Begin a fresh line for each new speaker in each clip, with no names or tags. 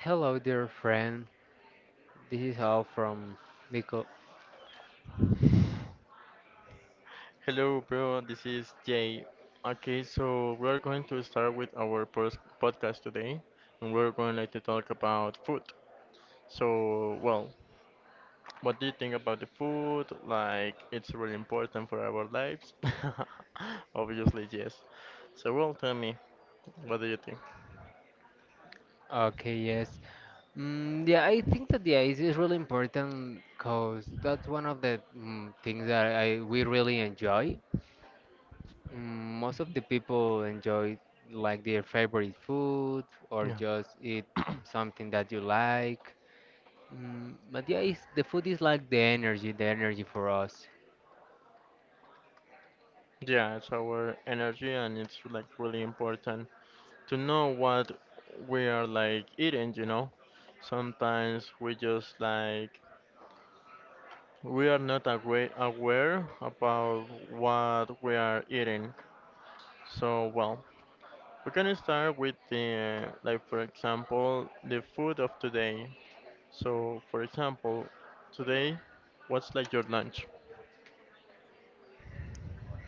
Hello, dear friend. This is all from Nico.
Hello, bro. This is Jay. Okay, so we're going to start with our podcast today, and we're going like, to talk about food. So, well, what do you think about the food? Like, it's really important for our lives. Obviously, yes. So, well, tell me, what do you think?
Okay, yes. Mm, yeah, I think that the ice is really important because that's one of the things that I we really enjoy. Most of the people enjoy like their favorite food or
Yeah.
just eat something that you like. But yeah, the food is like the energy, for us.
Yeah, it's our energy, and it's like really important to know what we are like eating, you know? Sometimes we just like we are not aware about what we are eating. So, well, we can start with the, like, for example, the food of today. So, for example, today, what's like your lunch?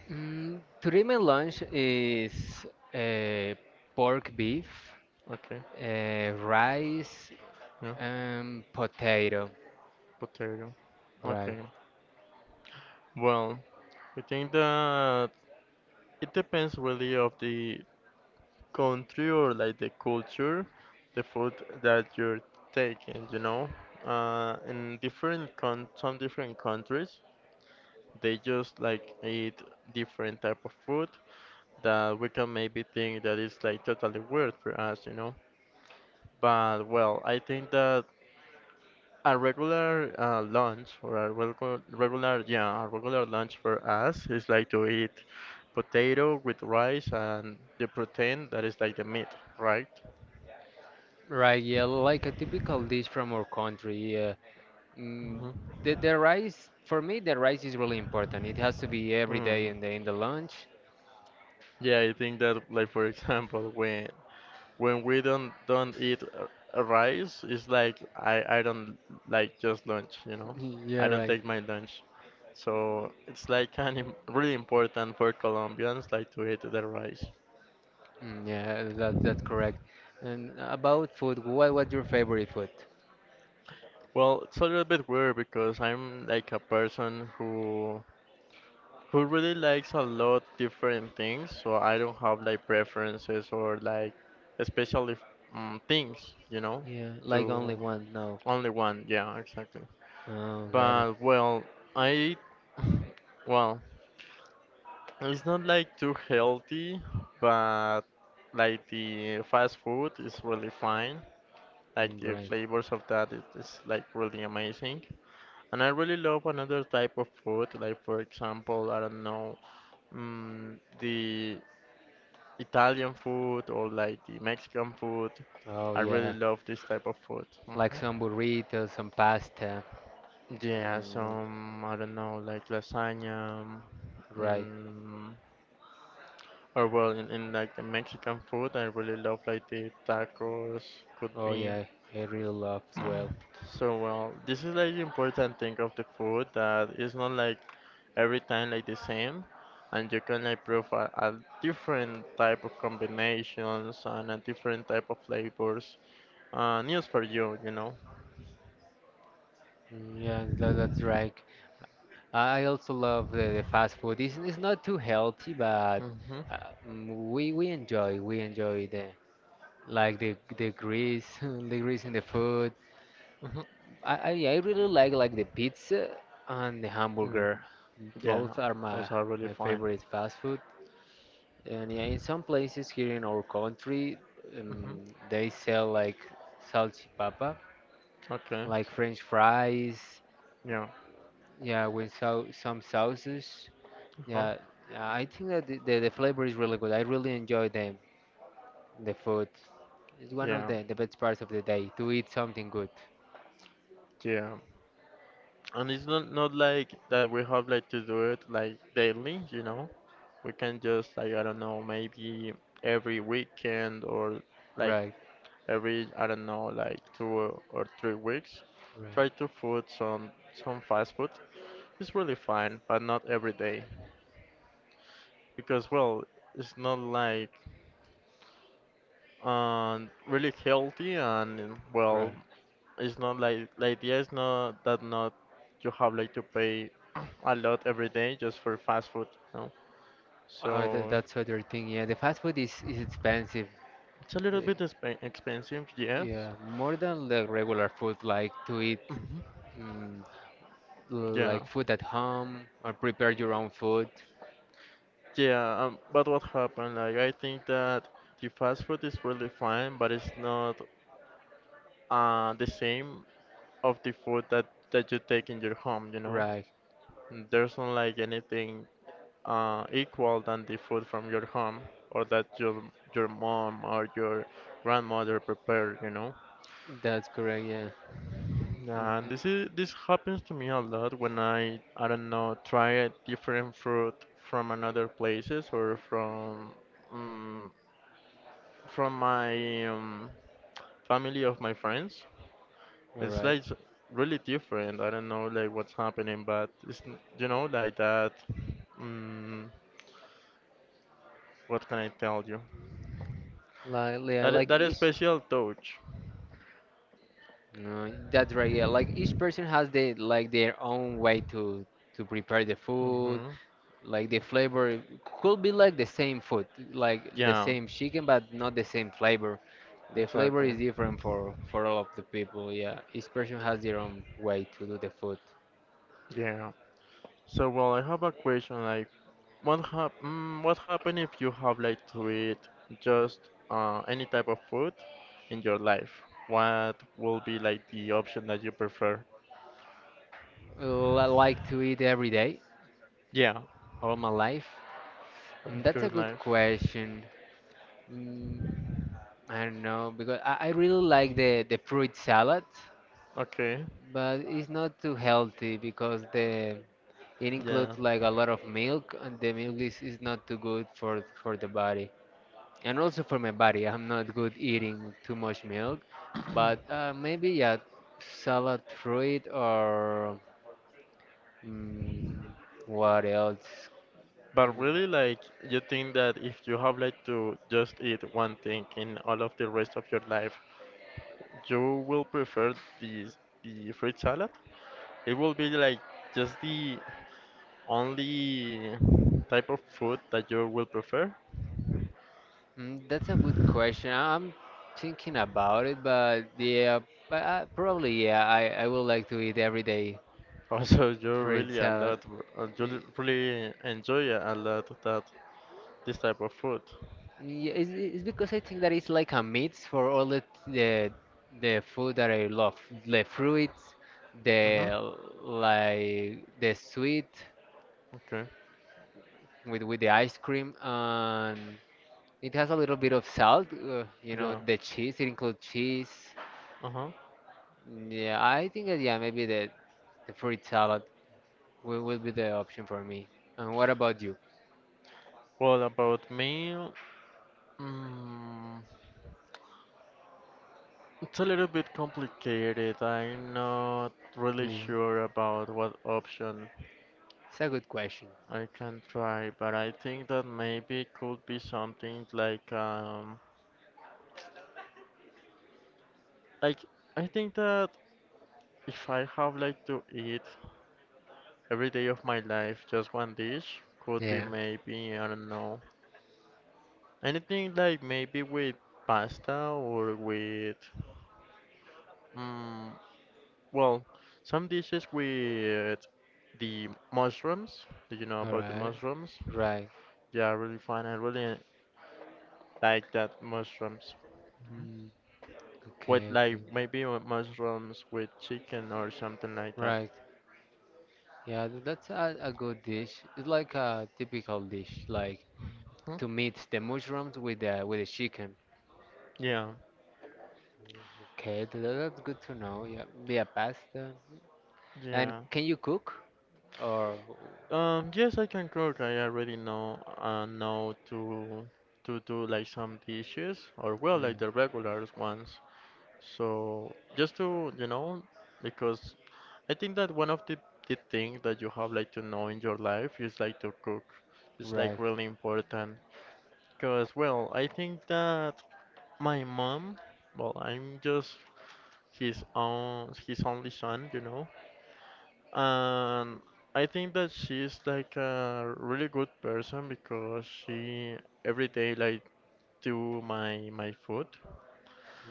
Today my lunch is uh, pork beef.
Okay,
Rice
yeah,
and potato.
potato.
Right.
Okay, well, I think that it depends really of the country or like the culture, the food that you're taking, you know. In different con some different countries, they just like eat different type of food that we can maybe think that is like totally weird for us, you know. But well, I think that a regular lunch or a regular yeah, a regular lunch for us is like to eat potato with rice and the protein that is like the meat, right?
Right, yeah, like a typical dish from our country. Yeah. Mm, the rice, for me, the rice is really important. It has to be every day
Mm-hmm.
in the lunch.
Yeah, I think that like for example when we don't eat rice, it's like I don't like just lunch, you know.
Yeah,
I don't
right.
take my lunch. So it's like kind of really important for Colombians like to eat the rice.
Mm, yeah, that's correct. And about food, what's your favorite food?
Well, it's a little bit weird because I'm like a person who really likes a lot different things, so I don't have like preferences or like especially things, you know,
Yeah, like only
to
one. No.
only one, yeah, exactly.
Oh, got it.
But well, I well, it's not like too healthy, but like the fast food is really fine. Like the
Great.
flavors of that it is like really amazing. And I really love another type of food, like for example, I don't know, the Italian food or like the Mexican food.
Oh
I really
yeah,
love this type of food.
like
Mm-hmm.
some burritos, some pasta.
Yeah,
Mm,
some I don't know, like lasagna,
right.
mm, or well, in like the Mexican food, I really love like the tacos, could
Oh
be.
yeah, I really love as well.
So well, this is like the important thing of the food that it's not like every time like the same, and you can like prove a different type of combinations and a different type of flavors. News for you, you know.
Mm, yeah, that's right. I also love the fast food. It's not too healthy, but
Mhm.
uh, we enjoy the, the grease, the grease in the food.
Mhm.
I, I really like the pizza and the
Mm.
hamburger.
Yeah,
Both are
those are really
my
fine.
favorite fast food. And yeah, in some places here in our country,
Mhm.
um, they sell like salchipapa,
Okay.
like French fries.
Yeah.
Yeah, with some sauces.
Uh-huh.
Yeah, yeah, I think that the flavor is really good. I really enjoy them, the food. It's one of
Yeah.
the best parts of the day to eat something good.
Yeah. And it's not like that we have like to do it like daily, you know. We can just like I don't know, maybe every weekend or like
Right,
every I don't know, like 2 or 3 weeks.
right,
Try to food some fast food. It's really fine, but not every day because well, it's not like really healthy and well
right.
it's not like the idea is not that not you have like to pay a lot every day just for fast food, you know? So
Oh, that's other thing. Yeah, the fast food is expensive.
it's a little
Uh,
bit expensive, yes.
Yeah, more than the regular food, like to eat
Mhm.
mm,
Yeah,
like food at home or prepare your own food.
yeah. But what happened? Like I think that the fast food is really fine, but it's not the same of the food that you take in your home, you know?
Right,
There's not like anything equal than the food from your home or that your mom or your grandmother prepared, you know.
that's correct. Yeah.
And this happens to me a lot when I don't know try a different fruit from another places or um, from my family of my friends.
All
It's
right.
like really different. I don't know like what's happening, but it's you know like that. Um, what can I tell you?
Like, yeah,
That
like
that
it's.
special touch.
No, that's right. Yeah, like each person has the like their own way to prepare the food.
Mm-hmm.
Like the flavor could be like the same food, like the
Yeah,
same chicken, but not the same flavor. The flavor
exactly.
is different for all of the people. Yeah, each person has their own way to do the food.
Yeah. So, well, I have a question like, what what happen if you have like to eat just any type of food in your life? What will be like the option that you prefer?
I like to eat every day,
Yeah,
all my life.
out of
That's a
your
good
life.
question. Mm, I don't know because I really like the fruit salad.
Okay.
But it's not too healthy because the it
Yeah.
includes like a lot of milk, and the milk is not too good for the body, and also for my body, I'm not good eating too much milk. But maybe, yeah, salad fruit or mm, what else.
But
Mm,
really, like, you think that if you have like to just eat one thing in all of the rest of your life, you will prefer the fruit salad? It will be like just the only type of food that you will prefer?
That's a good question. I'm thinking about it, but yeah, but probably, yeah, I would like to eat every day
Also, you
fruit
really a
salad.
lot, you really enjoy a lot of that this type of food.
Yeah, it's because I think that it's like a mix for all the, the food that I love, the fruits,
Mm-hmm.
the like the sweet
Okay.
with the ice cream, and it has a little bit of salt.
Yeah.
The cheese. It includes cheese.
Uh-huh.
Yeah, I think that yeah, maybe the fruit salad will be the option for me. And what about you?
Well, about me, mm, it's a little bit complicated. I'm not really
Yeah,
sure about what option
it's a good question.
I can try, but I think that maybe it could be something like I think that if I have like to eat every day of my life, just one dish could be
Yeah.
maybe, I don't know, anything like maybe with pasta or mm, well, some dishes with the mushrooms. Do you know
All
about the
right.
mushrooms?
Right.
Yeah, really fun. I really like that mushrooms.
Mm,
With
okay.
like
Okay.
maybe with mushrooms with chicken or something like that.
Right. Yeah, that's a good dish. It's like a typical dish, like
Hmm?
to mix the mushrooms with the chicken.
Yeah,
Okay, that's good to know. Yeah, be a pasta. And
yeah.
can you cook or
Yes, I can cook. I already know to do like some dishes or well, like the
yeah,
regular ones. So just to you know, because I think that one of the thing that you have like to know in your life is like to cook. It's like
right?
really important because well, I think that my mom, well, I'm just his only son, you know. And I think that she's like a really good person because she every day like do my food.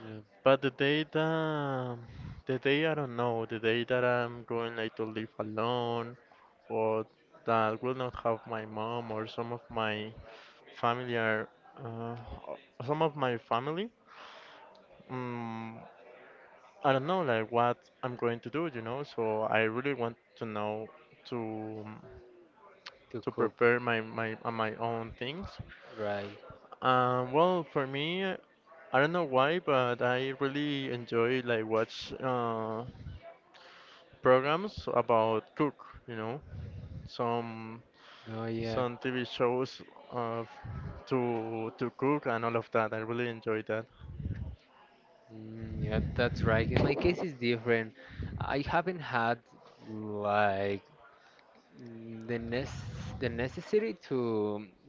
Yeah,
But the day I don't know, the day that I'm going like to live alone or that will not have my mom or some of my family are uh, some of my family. Um, I don't know like what I'm going to do, you know. So I really want to know to.
to
To
cook,
prepare my my own things.
right?
Well, for me, I don't know why, but I really enjoy like watch programs about cook. You know, some
Oh yeah,
some TV shows of to cook and all of that. I really enjoy that.
yeah, that's right. In my case, it's different. I haven't had like Mm, The nec- the necessity to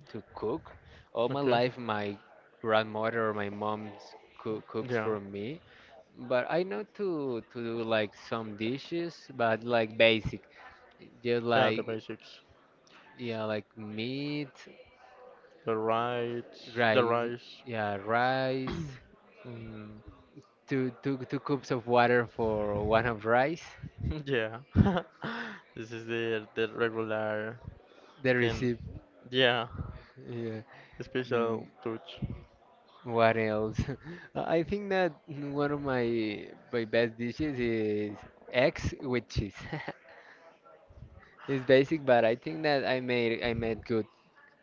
cook. All my
Okay.
life, my grandmother or my mom cooks
Yeah.
for me, but I know to do like some dishes, but like basic, just
Yeah. The
like
basics.
yeah, like meat,
The rice. The
right?
rice.
Yeah, rice.
Mm,
Two cups of water for one of rice.
yeah. This is the regular
The
thing.
recipe.
Yeah.
Yeah.
The
Mm,
special touch.
What else? I think that one of my best dishes is eggs with cheese. It's basic, but I think that I made good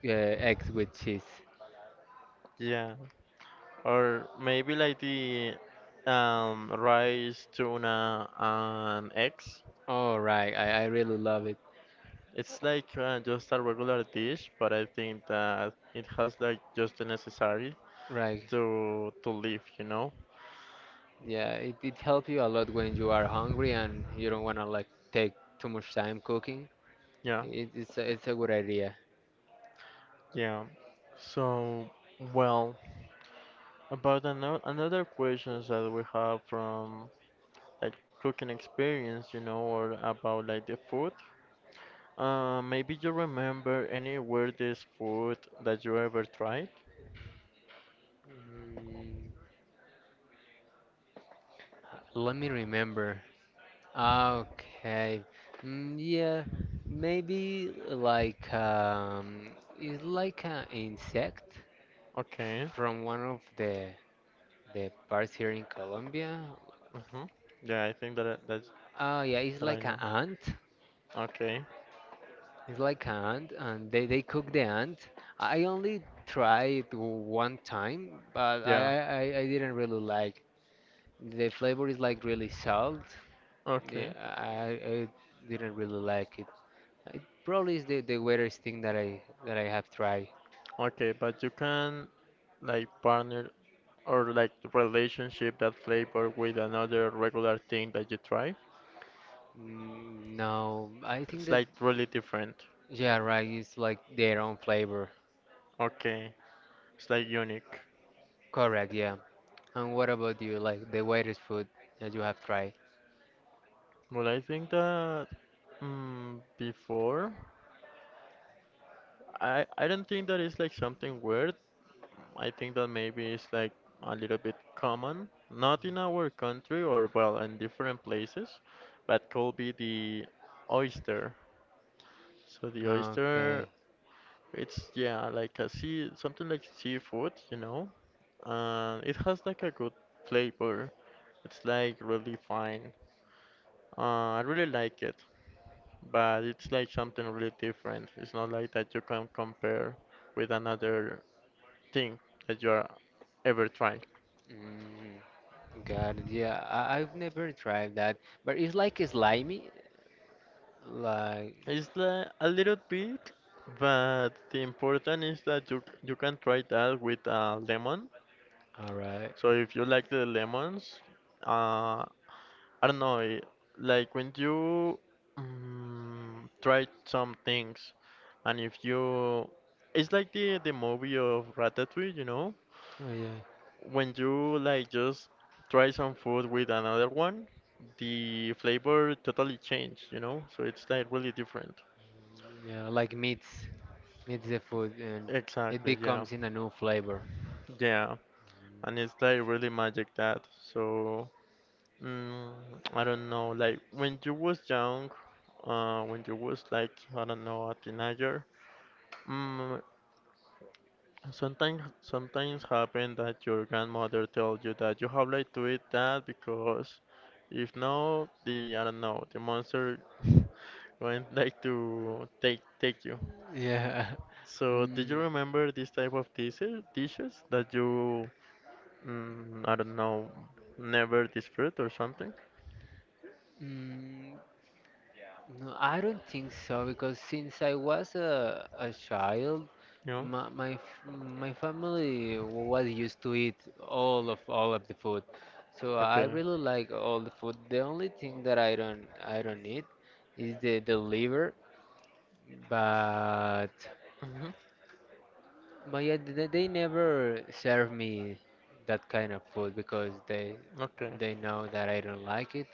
eggs with cheese.
Yeah, or maybe like the rice, tuna, and eggs.
Oh right, I really love it.
It's like just a regular dish, but I think that it has like just the necessary
Right,
to live, you know?
yeah, it helps you a lot when you are hungry and you don't wanna like take too much time cooking.
Yeah,
It's a good idea.
yeah. So, well, about another questions that we have from like cooking experience, you know, or about like the food. Maybe you remember any weirdest food that you ever tried?
Mm, Let me remember. Okay. Mm, yeah, maybe like it's like an insect
Okay.
from one of the parts here in Colombia.
Hmm. Yeah, I think that that's
Oh yeah, it's
that I
like an
know.
ant.
Okay.
It's like an ant, and they cook the ant. I only tried one time, but
Yeah.
I didn't really like. The flavor is like really salt. Yeah,
Okay.
I didn't really like it. It probably is the weirdest thing that I have tried.
Okay, but you can like partner or like relationship that flavor with another regular thing that you try.
Mm, no, I think
It's
that
like really different.
yeah, right. It's like their own flavor.
Okay. It's like unique.
Correct. Yeah. And what about you? Like the weirdest food that you have tried?
Well, I think that before I don't think that it's like something weird. I think that maybe it's like a little bit common, not in our country or well in different places, but could be the oyster. So the oyster,
Okay.
it's yeah like a sea something like seafood, you know, and it has like a good flavor. It's like really fine. I really like it, but it's like something really different. It's not like that you can compare with another thing that you are ever tried.
Mm, got it. Yeah, I've never tried that, but it's like slimy. Like,
It's a little bit, but the important is that you can try that with lemon.
all right.
So if you like the lemons, uh, I don't know, like when you try some things, and if you, it's like the movie of Ratatouille, you know,
Oh, yeah.
when you like just try some food with another one, the flavor totally changed, you know. So it's like really different.
Yeah. Like meats meets the food, and it
Exactly, yeah.
becomes in a new flavor.
Yeah, and it's like really magic that. So mm, I don't know. Like when you was young, when you was like I don't know a teenager, mm, sometimes happen that your grandmother tells you that you have like to eat that because if no, the I don't know the monster going like to take you.
Yeah.
So did you
Mm,
remember this type of dishes that you I don't know never disfruit or something?
mm, no, I don't think so because since I was a child,
Yeah.
my, my f- my family was used to eat all of the food, so I
Okay.
really like all the food. The only thing that I don't eat is the liver, but
Hmm.
yeah, they never serve me that kind of food because
Okay.
they know that I don't like it.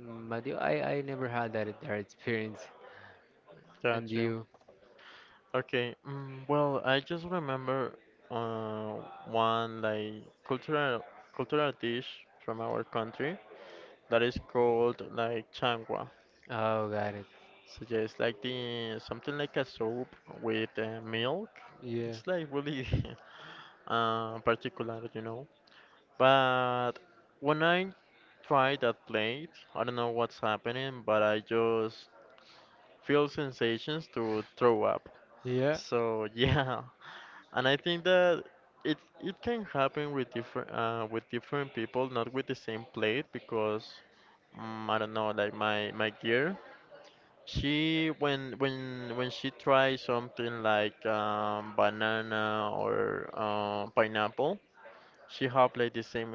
But yeah, I never had that experience. And
Got you.
you?
Okay. Mm, well, I just remember uh, one like cultural dish from our country that is called like changua.
Oh, got it.
So yeah, it's like the something like a soup with milk.
Yeah,
It's like really particular, you know. But when I try that plate, I don't know what's happening, but I just feel sensations to throw up.
yeah,
So yeah, and I think that it can happen with different people, not with the same plate, because I don't know, like my gear. She when she tries something like banana or pineapple, she have like the same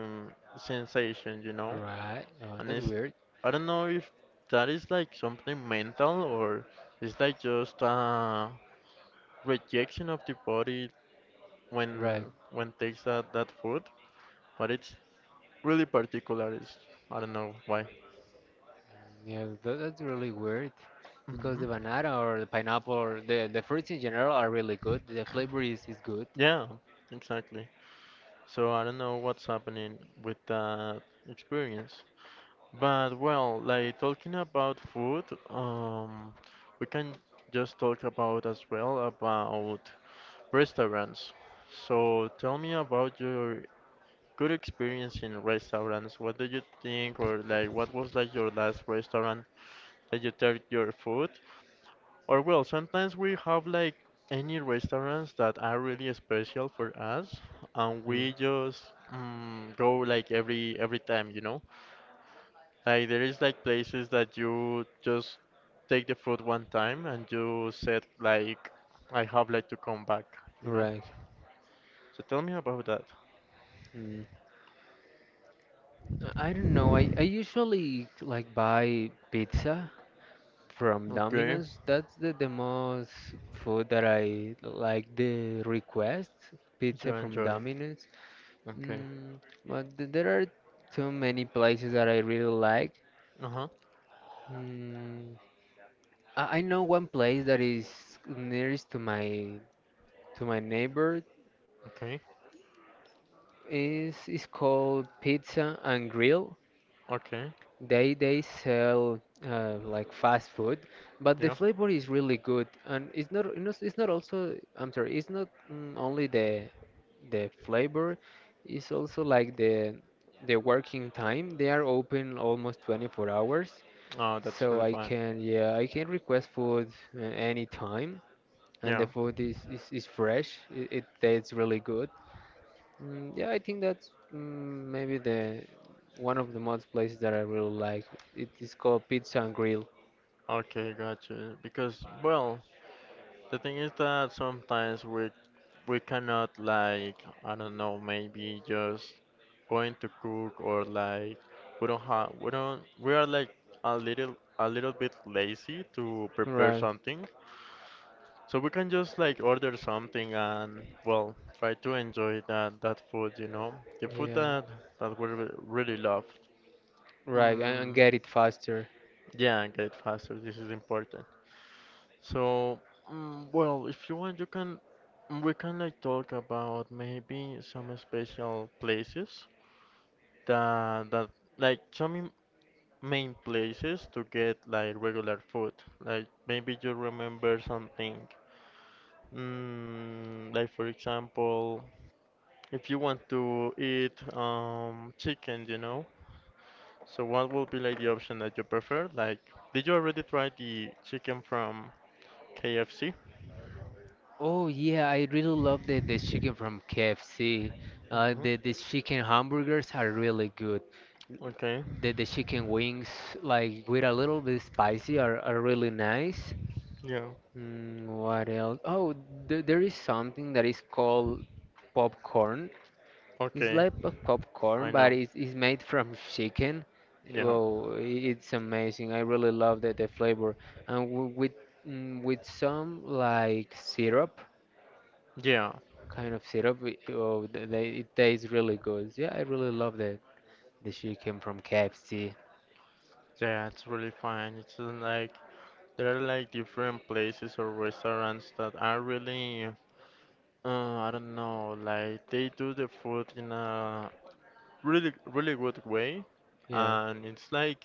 sensation,
right. Oh,
and
that's
it's
weird.
I don't know if that is like something mental or it's like just rejection of the body when
Right.
when takes that food, but it's really particular. It's, I don't know why.
Yeah, that's really weird because
Hmm.
the banana or the pineapple or the fruits in general are really good. The flavor is good.
Yeah, exactly. So I don't know what's happening with that experience. But well, like talking about food, um, we can just talk about as well about restaurants. So tell me about your good experience in restaurants. What did you think, or like what was like your last restaurant that you tried your food? Or well, sometimes we have like any restaurants that are really special for us, and
Yeah.
we just go like every time, you know? Like there is like places that you just take the food one time and you said like I have like to come back, you know?
Right.
So tell me about that.
Mm. I don't know. I usually like buy pizza from
Okay,
Domino's. That's the most food that I like the request.
you
Pizza from
enjoy.
Domino's.
Okay.
Mm, but there are too many places that I really like.
Uh-huh.
Mm, I know one place that is nearest to my neighbor
Okay.
is called Pizza and Grill.
Okay.
They sell like fast food, but the
Yeah.
flavor is really good, and it's not also, I'm sorry, it's not only the flavor. It's also like the working time. They are open almost 24 hours.
Oh, that's
So
really
I
fine.
can, yeah, I can request food anytime, and
Yeah.
the food is fresh. It tastes really good. Mm, yeah, I think that's maybe the one of the most places that I really like. It is called Pizza and Grill.
Okay, gotcha. Because, well, the thing is that sometimes we cannot like I don't know maybe just going to cook or like we don't have we don't we are like a little bit lazy to prepare
Right.
something, so we can just like order something and well try to enjoy that food, the food
Yeah.
that that we really love.
Right, and
mm,
get it faster.
yeah, get faster, this is important. So, well, if you want, you can we can like talk about maybe some special places that that like main places to get like regular food. Like maybe you remember something. Like for example, if you want to eat chicken, you know. So what will be like the option that you prefer? Like, did you already try the chicken from KFC?
Oh yeah, I really love the chicken from KFC. Uh,
Mhm.
the the chicken hamburgers are really good.
Okay.
The chicken wings, like with a little bit spicy, are really nice.
Yeah.
What else? Oh, th there is something that is called popcorn. It's
Okay.
like a popcorn,
I
but
know.
it's made from chicken.
Yeah.
Oh, it's amazing. I really love the flavor. And with some like syrup,
Yeah.
kind of syrup. Oh, it tastes really good. Yeah, I really love that. The chicken from KFC.
Yeah, it's really fine. It's like there are like different places or restaurants that are really I don't know, like they do the food in a really really good way,
Yeah,
and it's like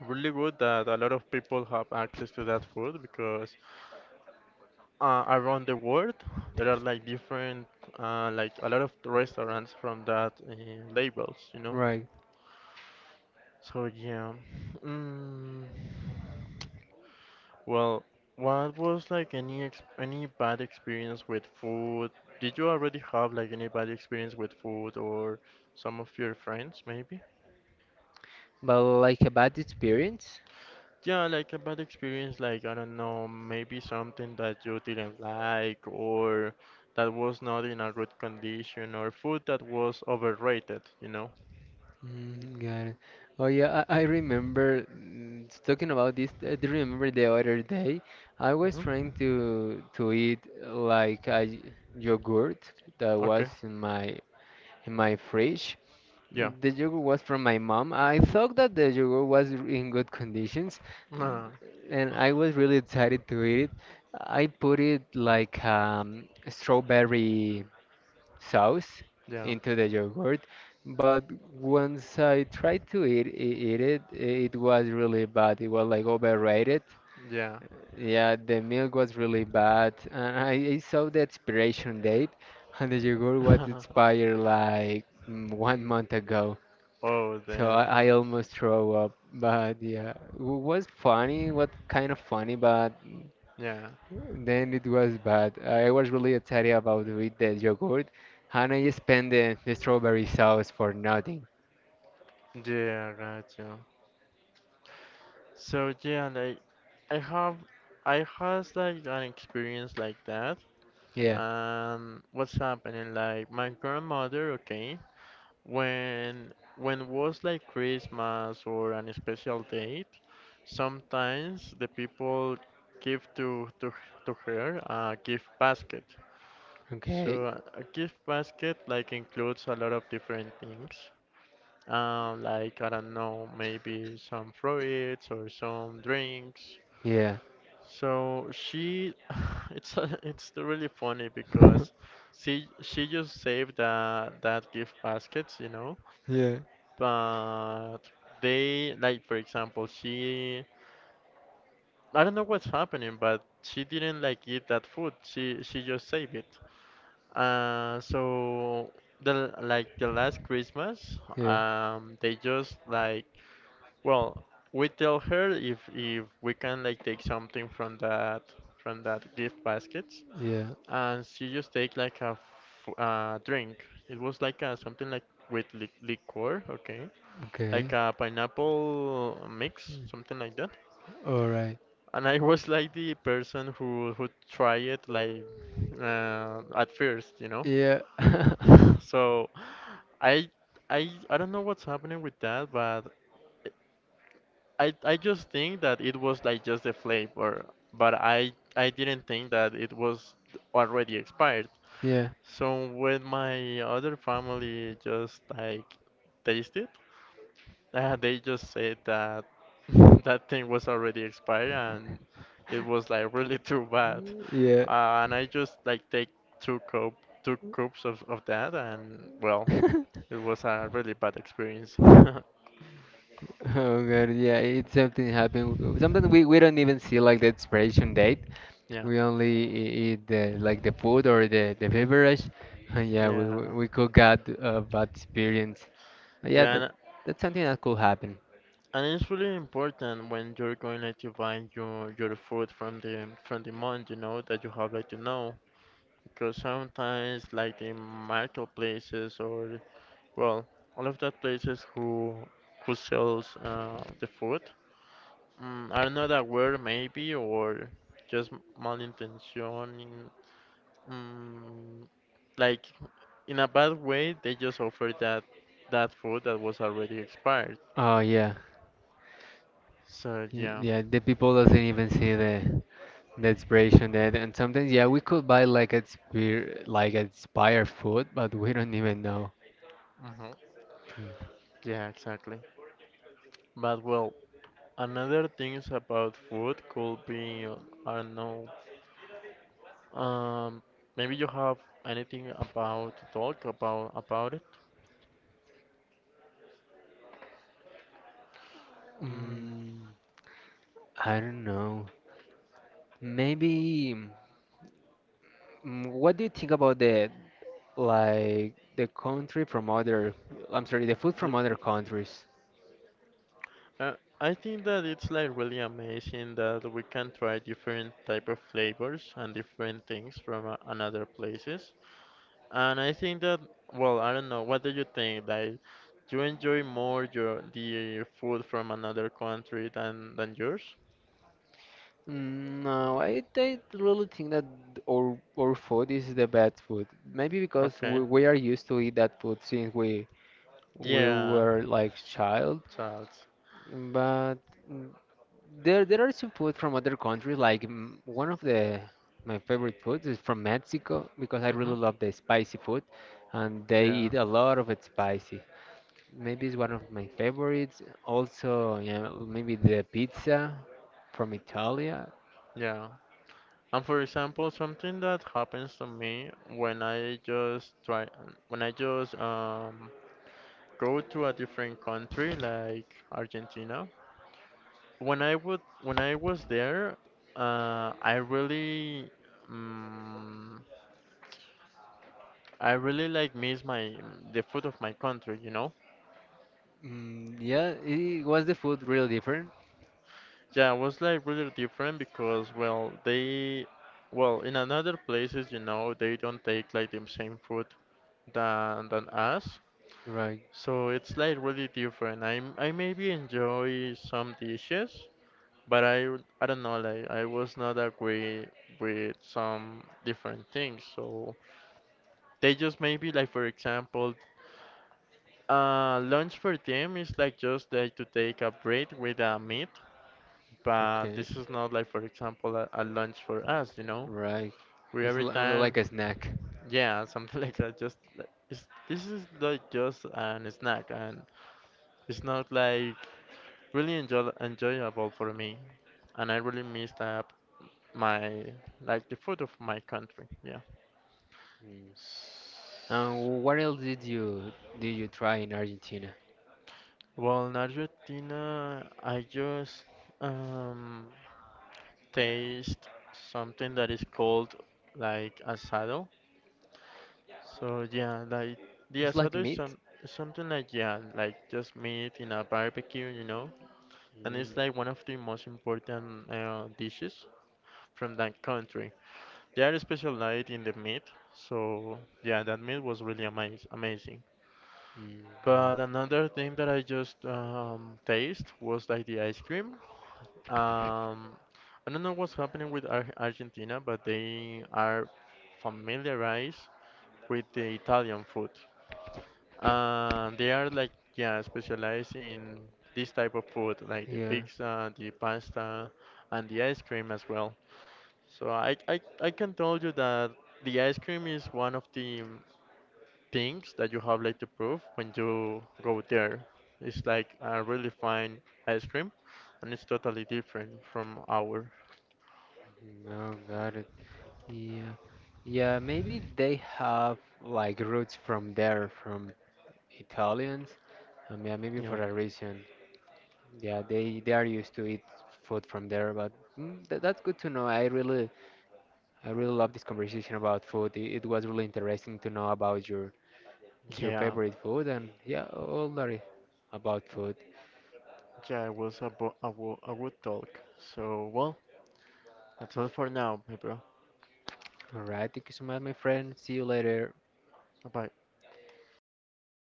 really good that a lot of people have access to that food because around the world there are like different like a lot of restaurants from that labels, you know.
right.
So yeah. Mm, well, what was like any ex any bad experience with food? Did you already have like any bad experience with food or some of your friends maybe?
But like a bad experience?
Yeah, like a bad experience, like I don't know, maybe something that you didn't like or that was not in a good condition or food that was overrated, you know?
Mm, got it. Oh yeah, I remember talking about this. I do remember the other day I was
Hmm.
trying to eat like a yogurt that was
Okay.
in my fridge.
Yeah.
The yogurt was from my mom. I thought that the yogurt was in good conditions, mm,
Uh,
and I was really excited to eat it. I put it like strawberry sauce
yeah.
into the yogurt, but once I tried to eat it was really bad. It was like overrated.
Yeah.
Yeah, the milk was really bad, and I saw the expiration date, and the yogurt was expired like one month ago.
Oh,
So I
damn.
almost throw up. But yeah, it was funny, what kind of funny, but
Yeah.
then it was bad. I was really excited about with the yogurt, and I spent the strawberry sauce for nothing.
Yeah, gotcha. So yeah, like I have I has like an experience like that.
Yeah.
And what's happening? Like my grandmother, okay, when was like Christmas or an special date, sometimes the people give to to her a gift basket.
Okay.
So a gift basket like includes a lot of different things. Like I don't know, maybe some fruits or some drinks.
Yeah.
So she, it's it's really funny because she just saved that gift baskets, you know.
Yeah.
But they like for example, she I don't know what's happening, but she didn't like eat that food. She just saved it. So the like the last Christmas,
Yeah.
they just like, well, we tell her if we can like take something from that gift baskets,
Yeah.
and she just take like a f drink. It was like a, something like with li liquor, okay,
Okay.
like a pineapple mix, something like that.
All right.
And I was like the person who try it like at first, you know.
Yeah.
So I I don't know what's happening with that, but. I just think that it was like just the flavor, but I didn't think that it was already expired.
Yeah. It.
So when my other family just like tasted, they just said that that thing was already expired and it was like really too bad.
Yeah.
And I just like take two cup two cups of that and well,
That
it was a really bad experience.
Well, oh God, yeah, it's something happened. Sometimes we don't even see like the expiration date.
Yeah.
We only eat the like the food or the beverage, and yeah,
Yeah.
we could get a bad experience. Yeah,
Yeah,
that's something that could happen.
and it's really important when you're going like to buy your food from the month, you know, that you have like to know because sometimes like the marketplaces or well, all of that places who sells the food are not aware maybe or just malintention, mm, like in a bad way they just offer that that food that was already expired.
Oh yeah,
So yeah,
yeah. The people doesn't even see the inspiration that, and sometimes yeah, we could buy like a spear like expired food, but we don't even know.
hmm,
Mm.
yeah, exactly. But well, another things about food could be, I don't know, um, maybe you have anything about to talk about it. Mm,
Mm, I don't know. Maybe. What do you think about the like the country from other? I'm sorry, the food
the
from other
food.
countries.
Uh, I think that it's like really amazing that we can try different type of flavors and different things from another places. And I think that, well, I don't know, what do you think? Like, you enjoy more your the food from another country than yours?
Mm, no, I really think that our food is the best food. Maybe because
Okay.
we are used to eat that food since we, yeah,
Yeah,
were like child.
Charles.
But mm, there are some food from other countries. Like one of the my favorite foods is from Mexico because I
Mm-hmm.
really love the spicy food, and they
Yeah,
eat a lot of it spicy. Maybe it's one of my favorites. Also, yeah, maybe the pizza from Italy.
yeah. And for example, something that happens to me when I just try, when I just go to a different country like Argentina. When I would, when I was there, I really, mm I really like miss my the food of my country, you know?
Mm, yeah, was the food really different?
Yeah, it was like really different because well they well in another places, you know, they don't take like the same food than us.
Right.
So it's like really different. I maybe enjoy some dishes, but I don't know, like I was not agree with some different things. So they just maybe like for example, lunch for them is like just like to take a bread with a meat, but
Okay.
this is not like, for example, a lunch for us, you know?
Right.
We
It's
every
only
time,
like a snack.
yeah, something like that. It's, this is like just an snack, and it's not like really enjoy, enjoyable for me, and I really missed up my like the food of my country. Yeah.
Mm. And what else did you try in Argentina?
Well, in Argentina, I just um, taste something that is called like asado. So yeah, like the
It's like
asado is
meat.
some something like yeah, like just meat in a barbecue, you know, and
Mm.
it's like one of the most important dishes from that country. They are specialized in the meat, so yeah, that meat was really amazing.
God.
But another thing that I just taste was like the ice cream. Um, I don't know what's happening with Ar Argentina, but they are familiarized with the Italian food. They are like yeah specialized in this type of food like the
Yeah,
pizza, the pasta, and the ice cream as well. So I can tell you that the ice cream is one of the things that you have like to prove when you go there. It's like a really fine ice cream, and it's totally different from our.
no, got it. Yeah, yeah. Maybe they have like roots from there, from Italians. Yeah, maybe
Yeah,
for that reason. Yeah, they are used to eat food from there, but that's good to know. I really love this conversation about food. It was really interesting to know about your
yeah,
favorite food, and yeah, all that about food.
yeah. It was a bo- a, wo- a good talk. So well, that's all for now, my bro.
All right, thank you so much, my friend. See you later.
Bye.